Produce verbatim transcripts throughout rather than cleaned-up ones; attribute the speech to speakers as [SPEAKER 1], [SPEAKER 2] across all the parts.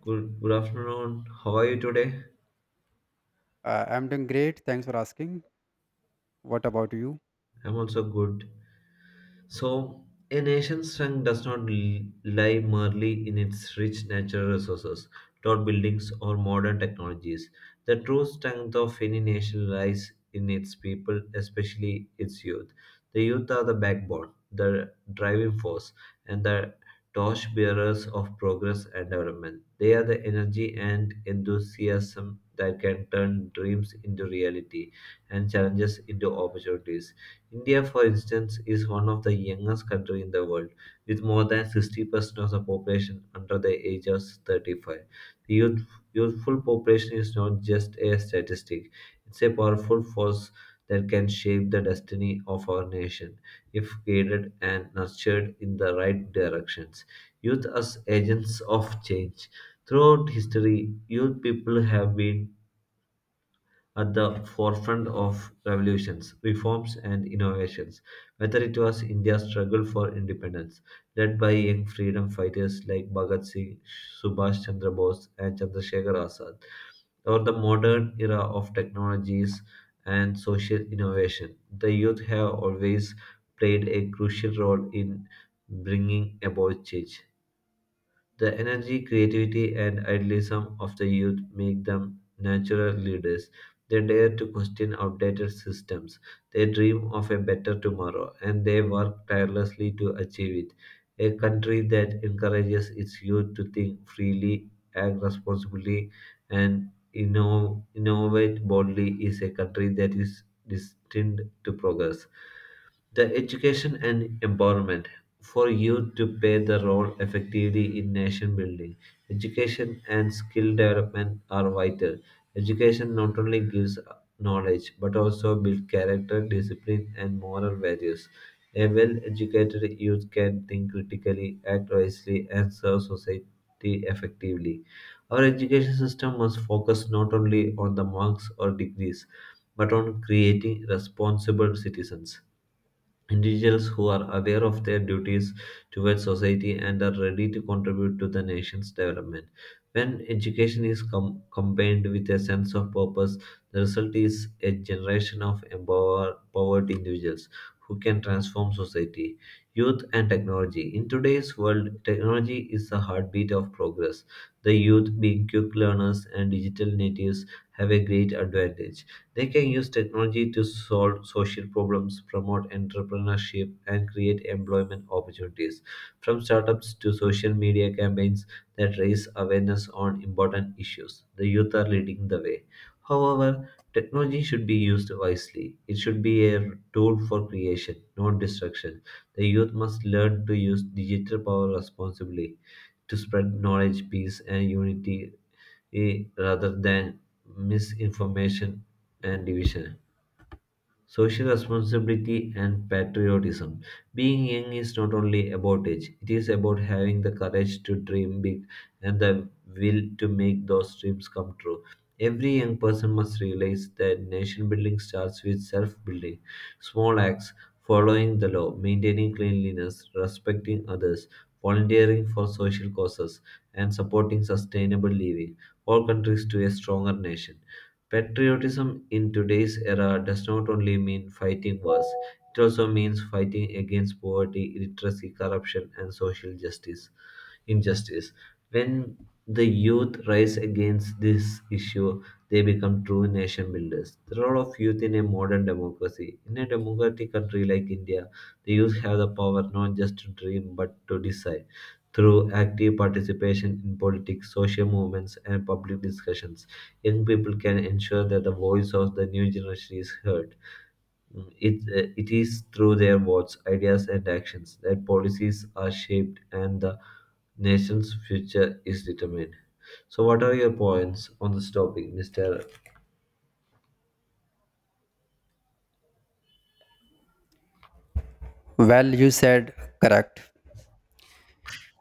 [SPEAKER 1] Good, good afternoon. How are you today?
[SPEAKER 2] Uh, I'm doing great. Thanks for asking. What about you?
[SPEAKER 1] I'm also good. So, a nation's strength does not l- lie merely in its rich natural resources, tall buildings, or modern technologies. The true strength of any nation lies in its people, especially its youth. The youth are the backbone, the driving force, and the torch bearers of progress and development. They are the energy and enthusiasm that can turn dreams into reality and challenges into opportunities. India, for instance, is one of the youngest countries in the world, with more than sixty percent of the population under the age of thirty-five. The youth, youthful population is not just a statistic, it's a powerful force that can shape the destiny of our nation if guided and nurtured in the right directions. Youth as agents of change. Throughout history, youth people have been at the forefront of revolutions, reforms, and innovations, whether it was India's struggle for independence, led by young freedom fighters like Bhagat Singh, Subhash Chandra Bose, and Chandrasekhar Azad, or the modern era of technologies and social innovation. The youth have always played a crucial role in bringing about change. The energy, creativity, and idealism of the youth make them natural leaders. They dare to question outdated systems. They dream of a better tomorrow, and they work tirelessly to achieve it. A country that encourages its youth to think freely, act responsibly, and inno- innovate boldly is a country that is destined to progress the education and empowerment for youth to play the role effectively in nation building. Education and skill development are vital. Education not only gives knowledge but also builds character, discipline, and moral values. A well educated youth can think critically, act wisely, and serve society effectively. Our education system must focus not only on the marks or degrees but on creating responsible citizens. Individuals who are aware of their duties towards society and are ready to contribute to the nation's development. When education is com- combined with a sense of purpose, the result is a generation of empower- empowered individuals who can transform society. Youth and technology. In today's world, technology is the heartbeat of progress. The youth, being quick learners and digital natives, have a great advantage. They can use technology to solve social problems, promote entrepreneurship, and create employment opportunities. From startups to social media campaigns that raise awareness on important issues, the youth are leading the way. However, technology should be used wisely. It should be a tool for creation, not destruction. The youth must learn to use digital power responsibly to spread knowledge, peace, and unity eh, rather than misinformation and division. Social responsibility and patriotism. Being young is not only about age, it is about having the courage to dream big and the will to make those dreams come true. Every young person must realize that nation building starts with self building. Small acts, following the law, maintaining cleanliness, respecting others, volunteering for social causes, and supporting sustainable living all countries to a stronger nation. Patriotism in today's era does not only mean fighting wars, it also means fighting against poverty, illiteracy, corruption, and social justice injustice. When the youth rise against this issue, they become true nation builders. The role of youth in a modern democracy. In a democratic country like India, the youth have the power not just to dream but to decide. Through active participation in politics, social movements, and public discussions, young people can ensure that the voice of the new generation is heard. It, uh, it is through their votes, ideas, and actions that policies are shaped and the nation's future is determined. So, what are your points on this topic, mister?
[SPEAKER 2] Well, you said correct.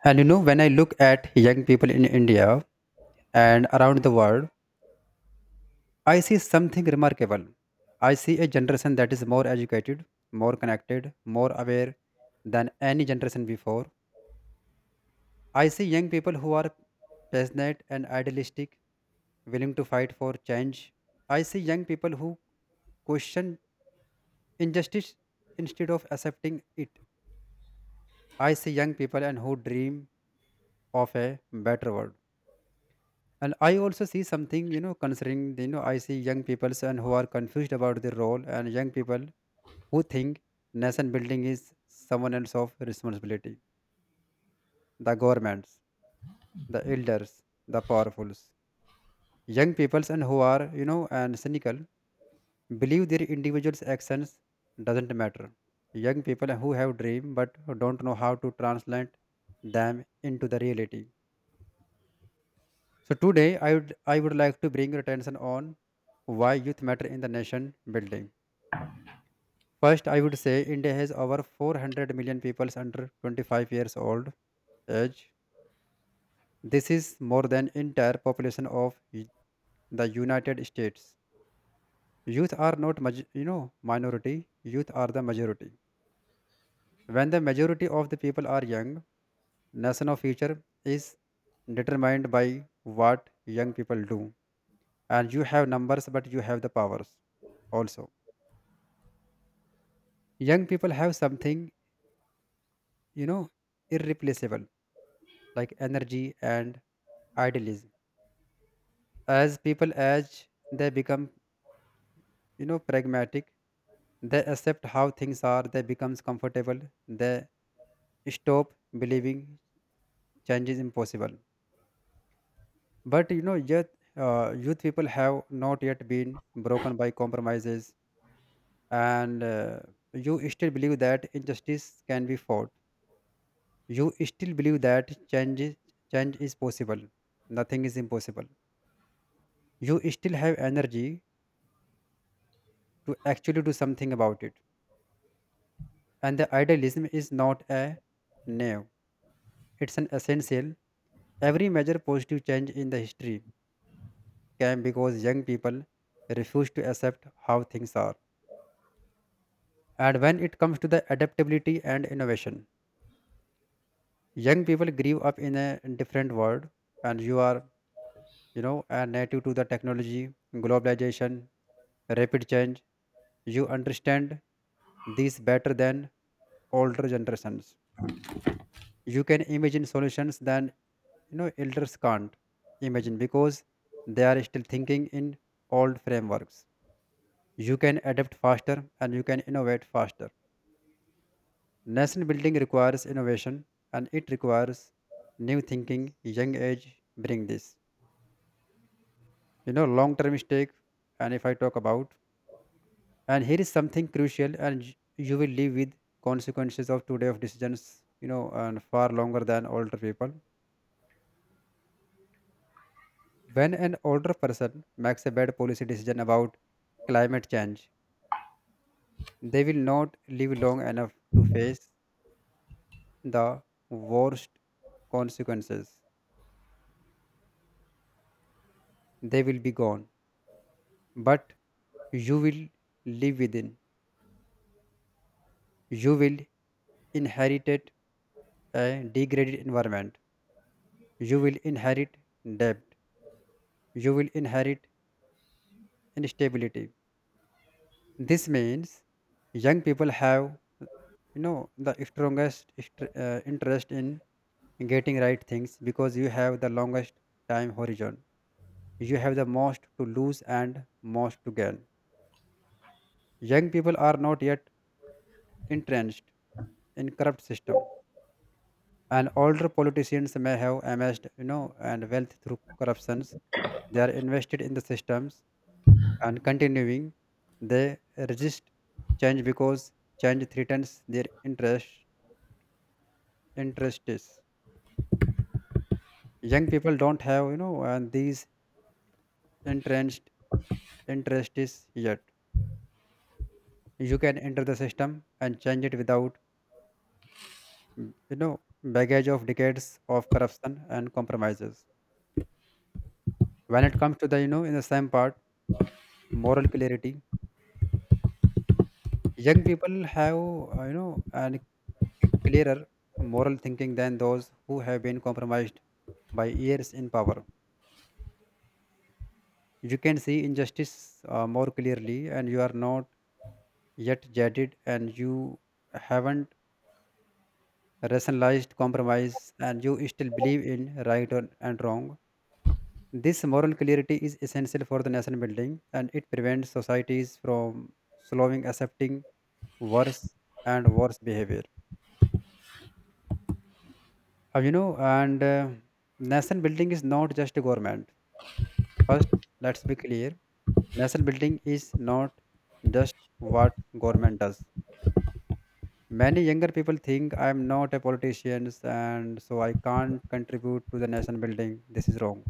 [SPEAKER 2] And you know, when I look at young people in India and around the world, I see something remarkable. I see a generation that is more educated, more connected, more aware than any generation before. I see young people who are passionate and idealistic, willing to fight for change. I see young people who question injustice instead of accepting it. I see young people and who dream of a better world. And I also see something, you know, concerning, the. you know, I see young people and who are confused about their role and young people who think nation building is someone else of responsibility. The governments, the elders, the powerfuls. Young peoples and who are, you know, and cynical believe their individuals' actions doesn't matter. Young people who have dream but don't know how to translate them into the reality. So today I would I would like to bring your attention on why youth matter in the nation building. First, I would say India has over four hundred million people under twenty-five years old age. This is more than entire population of y- the United States. Youth are not maj- you know minority. Youth are the majority. When the majority of the people are young, nation of future is determined by what young people do. And you have numbers, but you have the powers also. Young people have something, you know, irreplaceable, like energy and idealism. As people age, they become, you know, pragmatic. They accept how things are, they becomes comfortable, they stop believing change is impossible. But you know, yet uh, youth people have not yet been broken by compromises, and uh, you still believe that injustice can be fought. You still believe that change is, change is possible. Nothing is impossible. You still have energy to actually do something about it. And the idealism is not a new, it's an essential. Every major positive change in the history came because young people refuse to accept how things are. And when it comes to the adaptability and innovation, young people grew up in a different world, and you are, you know, a native to the technology, globalization, rapid change. You understand these better than older generations. You can imagine solutions than you know elders can't imagine because they are still thinking in old frameworks. You can adapt faster and you can innovate faster. Nation building requires innovation and it requires new thinking. Young age bring this you know long term stake. And if I talk about and Here is something crucial, and y- you will live with consequences of today of decisions, you know and far longer than older people. When an older person makes a bad policy decision about climate change, they will not live long enough to face the worst consequences. They will be gone. But you will live within. You will inherit a degraded environment. You will inherit debt. You will inherit instability. This means young people have, you know, the strongest est- uh, interest in getting right things because you have the longest time horizon. You have the most to lose and most to gain. Young people are not yet entrenched in corrupt system, and older politicians may have amassed, you know, and wealth through corruptions. They are invested in the systems and continuing. They resist change because change threatens their interest. Interests. Young people don't have, you know, and these entrenched interests yet. You can enter the system and change it without mm, you know baggage of decades of corruption and compromises. When it comes to the you know in the same part moral clarity, young people have uh, you know an c- clearer moral thinking than those who have been compromised by years in power. You can see injustice uh, more clearly, and you are not yet jaded, and you haven't rationalized compromise, and you still believe in right and and wrong. This moral clarity is essential for the nation building, and it prevents societies from slowing accepting worse and worse behavior. Uh, you know, and uh, Nation building is not just a government. First, let's be clear. Nation building is not just what government does. Many younger people think I am not a politician and so I can't contribute to the nation building. This is wrong.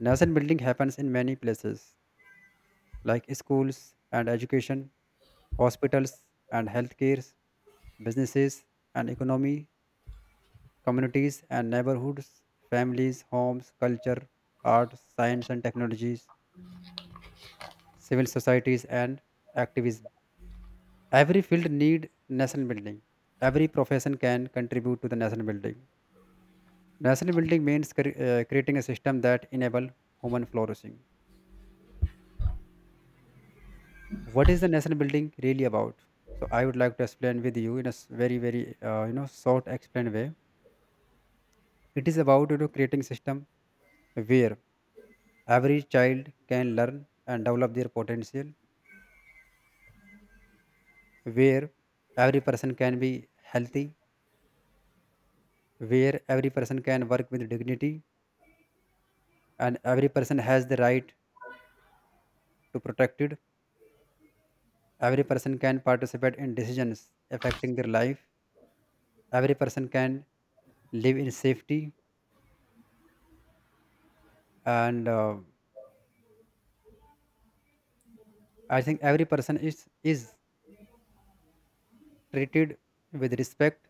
[SPEAKER 2] Nation building happens in many places like schools and education, hospitals and healthcares, businesses and economy, communities and neighborhoods, families, homes, culture, art, science and technologies, civil societies and activism. Every field need nation building. Every profession can contribute to the nation building. Nation building means cre- uh, creating a system that enable human flourishing. What is the nation building really about? So I would like to explain with you in a s- very very uh, you know short explained way. It is about you know creating system where every child can learn and develop their potential, where every person can be healthy, where every person can work with dignity, and every person has the right to protect it. Every person can participate in decisions affecting their life. Every person can live in safety, and uh, I think every person is is treated with respect,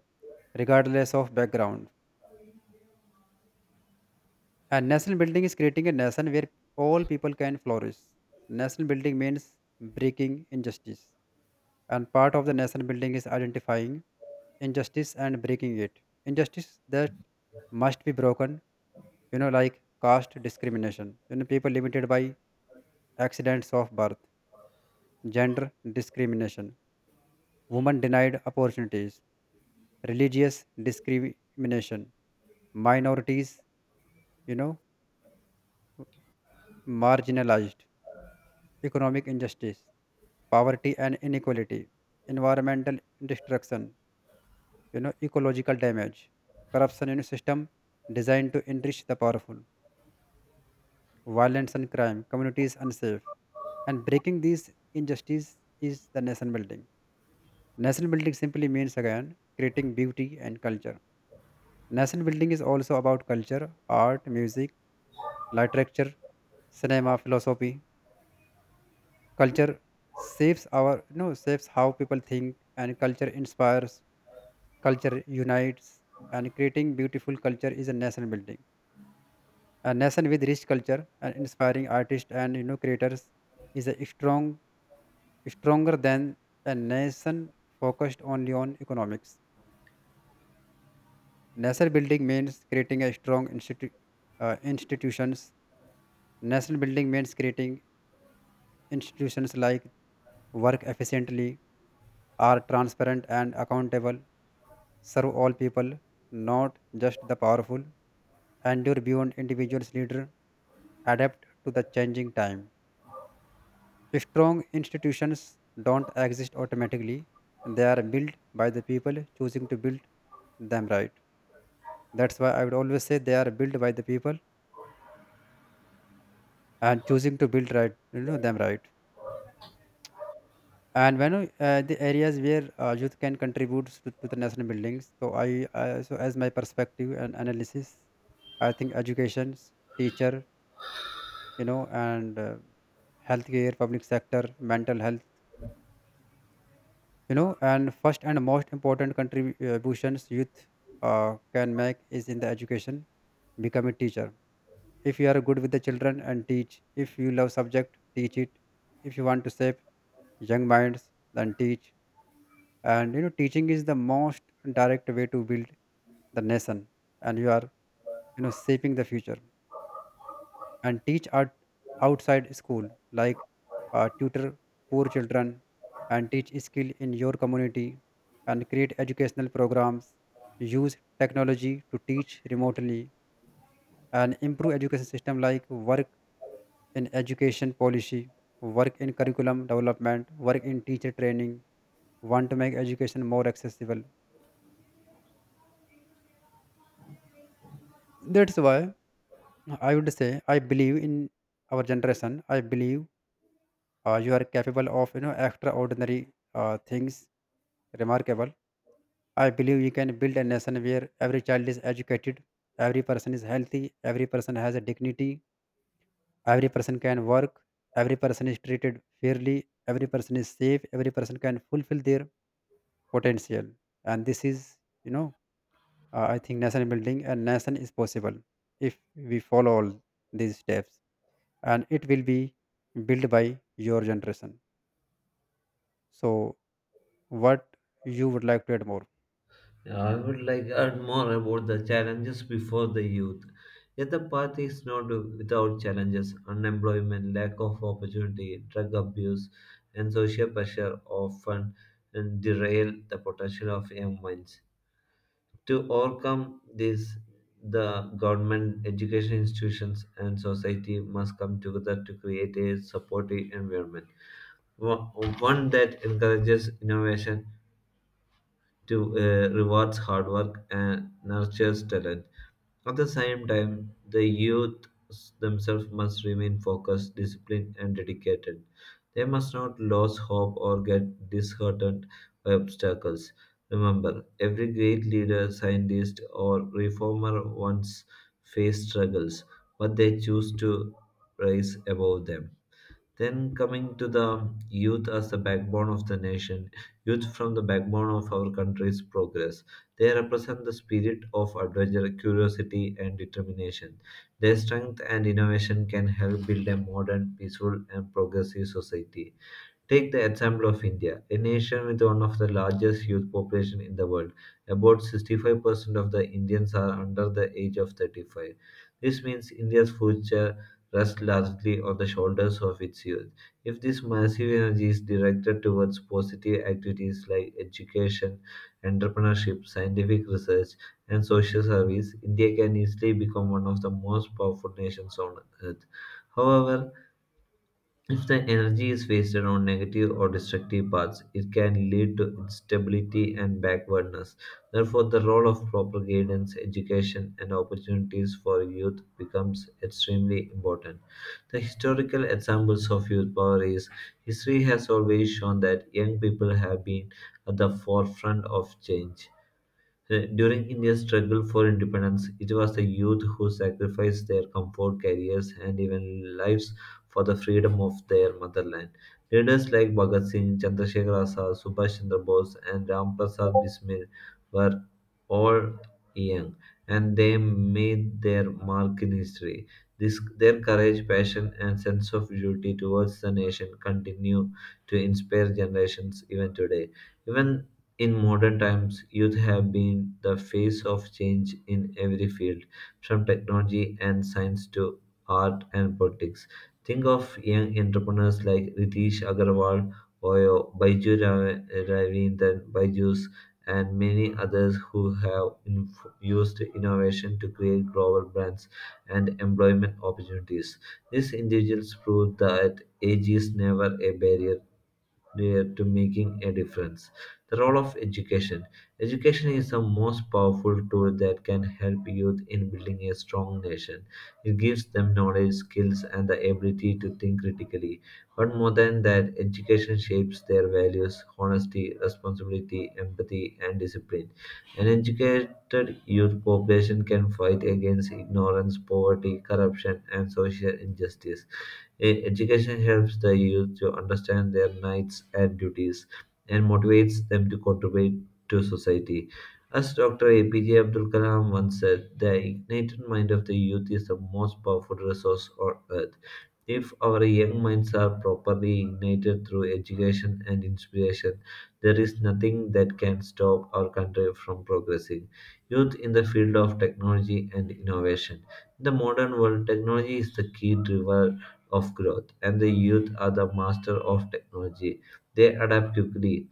[SPEAKER 2] regardless of background. A nation building is creating a nation where all people can flourish. Nation building means breaking injustice. And part of the nation building is identifying injustice and breaking it. Injustice that must be broken, you know, like caste discrimination, you know, people limited by accidents of birth, gender discrimination, women denied opportunities, religious discrimination, minorities, you know, marginalized. Economic injustice, poverty and inequality, environmental destruction, you know, ecological damage, corruption in a system designed to enrich the powerful, violence and crime, communities unsafe. And breaking these injustices is the nation building. Nation building simply means again creating beauty and culture. Nation building is also about culture, art, music, literature, cinema, philosophy. Culture shapes our you know Shapes how people think, and culture inspires, culture unites, and creating beautiful culture is a nation building. A nation with rich culture and inspiring artists and you know creators is a strong stronger than a nation focused only on economics. Nation building means creating a strong institu- uh, institutions. Nation building means creating institutions like work efficiently, are transparent and accountable, serve all people, not just the powerful, endure beyond individuals' leader, adapt to the changing time. Strong institutions don't exist automatically. They are built by the people choosing to build them right. That's why I would always say they are built by the people and choosing to build right, you know, them right. And when uh, the areas where uh, youth can contribute to, to the national buildings, so I, I so as my perspective and analysis, I think education, teacher, you know and uh, healthcare public sector mental health. You know and First and most important contributions youth uh, can make is in the education. Become a teacher. If you are good with the children and teach, if you love subject, teach it. If you want to shape young minds, then teach. And you know teaching is the most direct way to build the nation, and you are you know shaping the future. And teach at outside school, like uh, tutor poor children, and teach skill in your community, and create educational programs, use technology to teach remotely, and improve education system, like work in education policy, work in curriculum development, work in teacher training. Want to make education more accessible. That's why I would say I believe in our generation. I believe Uh, you are capable of you know extraordinary uh, things. Remarkable. I believe you can build a nation where every child is educated, every person is healthy, every person has a dignity, every person can work, every person is treated fairly, every person is safe, every person can fulfill their potential. And this is, you know, uh, I think nation building and nation is possible if we follow all these steps, and it will be built by your generation. So what you would like to add more.
[SPEAKER 1] I would like to add more about the challenges before the youth. Yet the path is not without challenges. Unemployment, lack of opportunity, drug abuse, and social pressure often derail the potential of young minds. To overcome this, the government, education institutions, and society must come together to create a supportive environment. One one that encourages innovation, to uh, rewards hard work, and nurtures talent. At the same time, the youth themselves must remain focused, disciplined, and dedicated. They must not lose hope or get disheartened by obstacles. Remember, every great leader, scientist, or reformer once faced struggles, but they choose to rise above them. Then coming to the youth as the backbone of the nation, youth from the backbone of our country's progress. They represent the spirit of adventure, curiosity, and determination. Their strength and innovation can help build a modern, peaceful, and progressive society. Take the example of India, a nation with one of the largest youth population in the world. About sixty-five percent of the Indians are under the age of thirty-five. This means India's future rests largely on the shoulders of its youth. If this massive energy is directed towards positive activities like education, entrepreneurship, scientific research, and social service, India can easily become one of the most powerful nations on earth. However, if the energy is wasted on negative or destructive paths, it can lead to instability and backwardness. Therefore, the role of proper guidance, education, and opportunities for youth becomes extremely important. The historical examples of youth power is history has always shown that young people have been at the forefront of change. Uh, During India's struggle for independence, it was the youth who sacrificed their comfort, careers, and even lives for the freedom of their motherland. Leaders like Bhagat Singh, Chandrasekhar Azad, Subhash Chandra Bose, and Ram Prasad Bismil were all young, and they made their mark in history. This, their courage, passion, and sense of duty towards the nation continue to inspire generations even today. Even in modern times, youth have been the face of change in every field, from technology and science to art and politics. Think of young entrepreneurs like Ritesh Agarwal or Baiju Ra- Ravindran Baijus and many others who have inf- used innovation to create global brands and employment opportunities. These individuals prove that age is never a barrier there to making a difference. The role of education. Education is the most powerful tool that can help youth in building a strong nation. It gives them knowledge, skills, and the ability to think critically. But more than that, education shapes their values, honesty, responsibility, empathy, and discipline. An educated youth population can fight against ignorance, poverty, corruption, and social injustice. E- Education helps the youth to understand their rights and duties, and motivates them to contribute to society. As doctor A P J Abdul Kalam once said, the ignited mind of the youth is the most powerful resource on earth. If our young minds are properly ignited through education and inspiration, there is nothing that can stop our country from progressing. Youth in the field of technology and innovation. In the modern world, technology is the key driver of growth, and the youth are the master of technology. They adapt quickly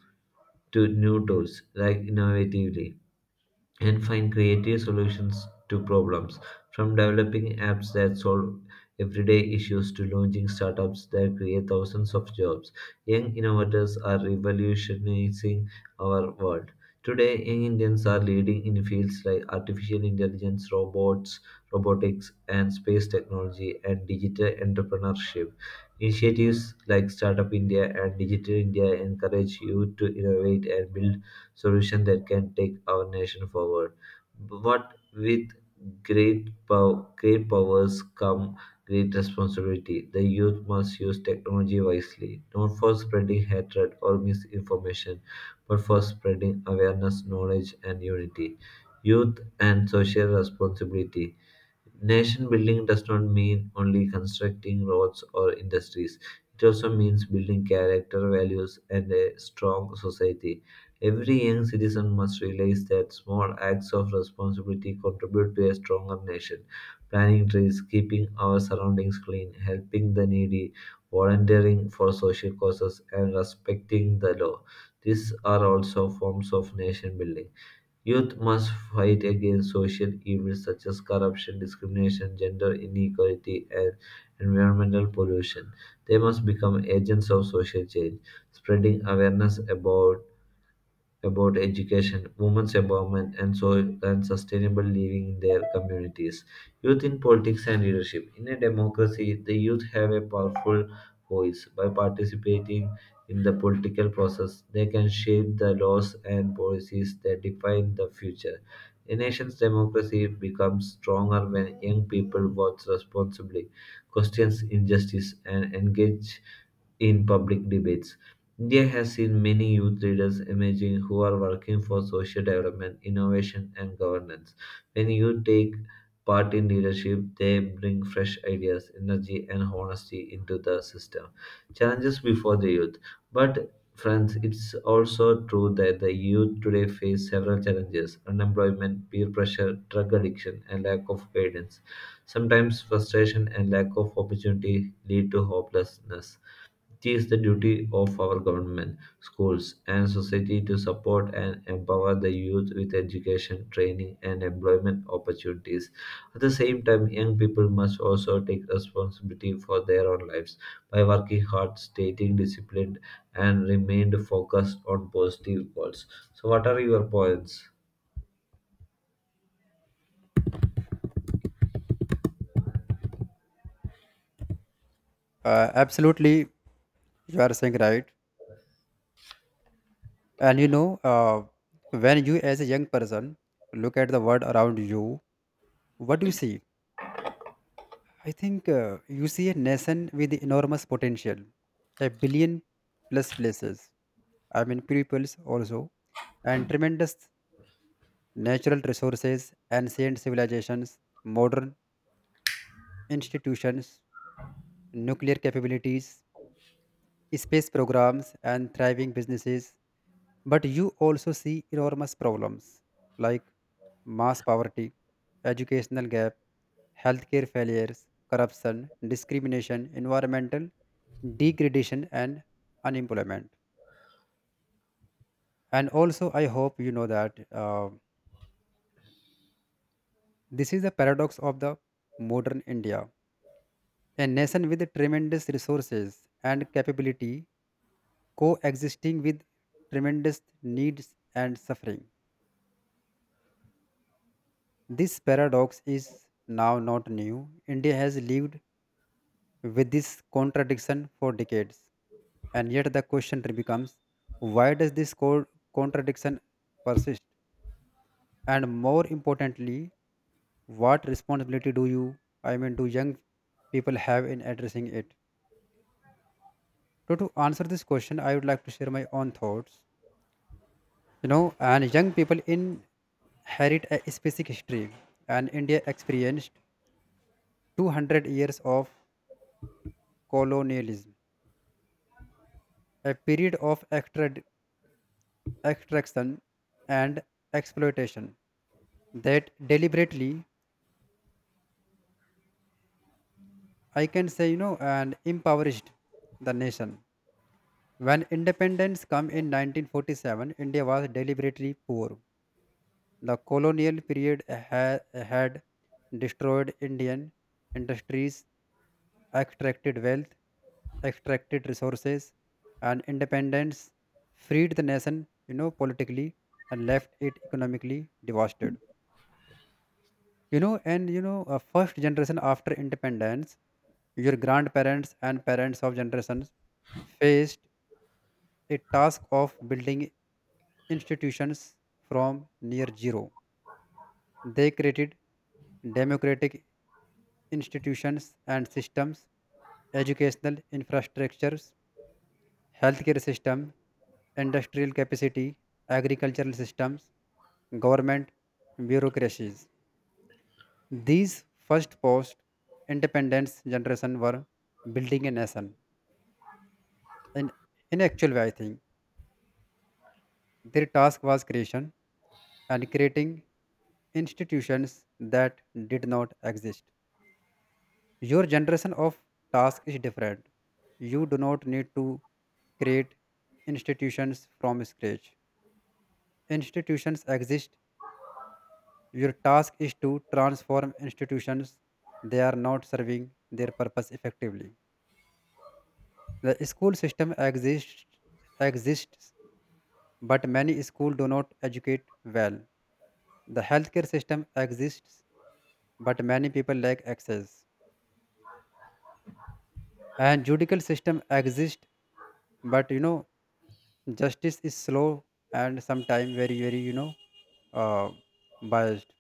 [SPEAKER 1] to new tools like innovatively and find creative solutions to problems from developing apps that solve everyday issues to launching startups that create thousands of jobs. Young innovators are revolutionizing our world today. Young Indians are leading in fields like artificial intelligence, robots, robotics and space technology, and digital entrepreneurship. Initiatives like Startup India and Digital India encourage youth to innovate and build solution that can take our nation forward. But with great, pow- great powers come great responsibility. The youth must use technology wisely, not for spreading hatred or misinformation, but for spreading awareness, knowledge, and unity. Youth and social responsibility. Nation building does not mean only constructing roads or industries. It also means building character, values, and a strong society. Every young citizen must realize that small acts of responsibility contribute to a stronger nation. Planting trees, keeping our surroundings clean, helping the needy, volunteering for social causes, and respecting the law. These are also forms of nation building. Youth must fight against social evils such as corruption, discrimination, gender inequality, and environmental pollution. They must become agents of social change, spreading awareness about about education, women's empowerment, and soil and sustainable living in their communities. Youth in politics and leadership. In a democracy, the youth have a powerful voice. By participating in the political process, they can shape the laws and policies that define the future. A nation's democracy becomes stronger when young people vote responsibly, questions injustice, and engage in public debates. India has seen many youth leaders emerging who are working for social development, innovation, and governance. When youth take part in leadership, they bring fresh ideas, energy, and honesty into the system. Challenges before the youth. But, friends, it's also true that the youth today face several challenges unemployment, peer pressure, drug addiction, and lack of guidance. Sometimes frustration and lack of opportunity lead to hopelessness. It is the duty of our government, schools, and society to support and empower the youth with education, training, and employment opportunities. At the same time, young people must also take responsibility for their own lives by working hard, staying disciplined, and remain focused on positive goals. So, what are your points?
[SPEAKER 2] uh, Absolutely, you are saying right. And you know uh, when you as a young person look at the world around you, what do you see? I think uh, you see a nation with enormous potential, a billion plus places, I mean peoples also, and tremendous natural resources, ancient civilizations, modern institutions, nuclear capabilities, space programs, and thriving businesses. But you also see enormous problems like mass poverty, educational gap, healthcare failures, corruption, discrimination, environmental degradation, and unemployment. And also, I hope you know that uh, this is the paradox of the modern India, a nation with tremendous resources and capability coexisting with tremendous needs and suffering. This paradox is now not new. India has lived with this contradiction for decades. And yet the question becomes, why does this co- contradiction persist? And more importantly, what responsibility do you, I mean, do young people have in addressing it? So, to answer this question, I would like to share my own thoughts. You know, and Young people inherit a specific history, and India experienced two hundred years of colonialism, a period of extra extraction and exploitation that deliberately, I can say, you know and impoverished the nation. When independence came in nineteen forty-seven, India was deliberately poor. The colonial period ha- had destroyed Indian industries, extracted wealth, extracted resources, and independence freed the nation, you know politically, and left it economically devastated. You know and you know uh, First generation after independence, your grandparents and parents of generations, faced a task of building institutions from near zero. They created democratic institutions and systems, educational infrastructures, healthcare system, industrial capacity, agricultural systems, government bureaucracies. These first post independence generation were building a nation. And in actual way, I think their task was creation and creating institutions that did not exist. Your generation of task is different. You do not need to create institutions from scratch. Institutions exist. Your task is to transform institutions. They are not serving their purpose effectively. The school system exists exists, but many schools do not educate well. The healthcare system exists, but many people lack access. And judicial system exists, but you know justice is slow and sometimes very very you know uh, biased.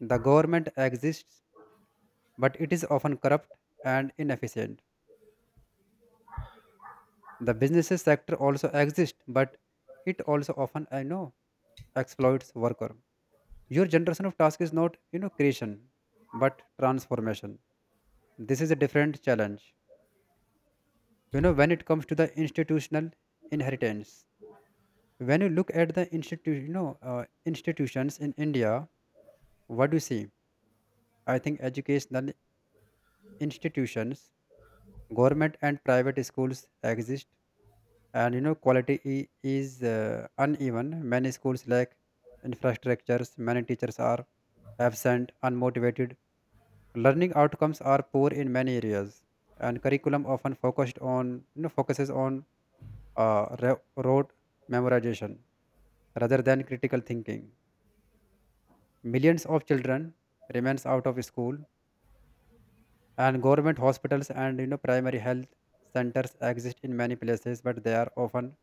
[SPEAKER 2] The government exists, but it is often corrupt and inefficient. The businesses sector also exists, but it also often I know exploits worker. Your generation of task is not, you know, creation, but transformation. This is a different challenge. You know, when it comes to the institutional inheritance, when you look at the institu, you know, uh, institutions in India, what do you see? I think educational institutions, government and private schools exist, and you know, quality i- is uh, uneven. Many schools lack infrastructures. Many teachers are absent, unmotivated. Learning outcomes are poor in many areas, and curriculum often focused on you know focuses on uh, ro- rote memorization rather than critical thinking. Millions of children remains out of school, and government hospitals and you know primary health centers exist in many places, but they are often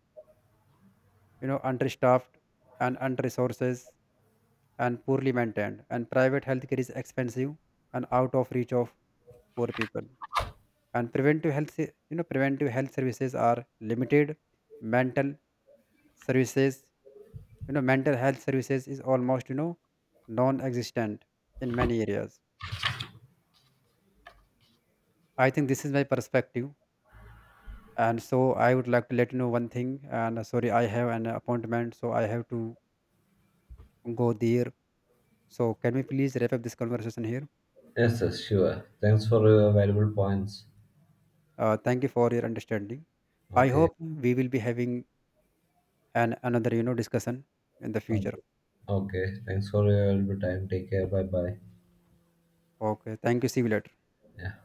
[SPEAKER 2] you know understaffed and under-resources and poorly maintained. And private healthcare is expensive and out of reach of poor people. And preventive health se- you know preventive health services are limited. mental services you know Mental health services is almost you know non-existent in many areas. I think this is my perspective. And so I would like to let you know one thing, and uh, sorry, I have an appointment, so I have to go there. So can we please wrap up this conversation here.
[SPEAKER 1] Yes, yes, sure. Thanks for your valuable points.
[SPEAKER 2] Uh, thank you for your understanding. I
[SPEAKER 1] Okay.
[SPEAKER 2] hope we will be having an another you know discussion in the future.
[SPEAKER 1] Okay. Okay. Thanks for your valuable time. Take care. Bye bye.
[SPEAKER 2] Okay, thank you, see you later.
[SPEAKER 1] Yeah.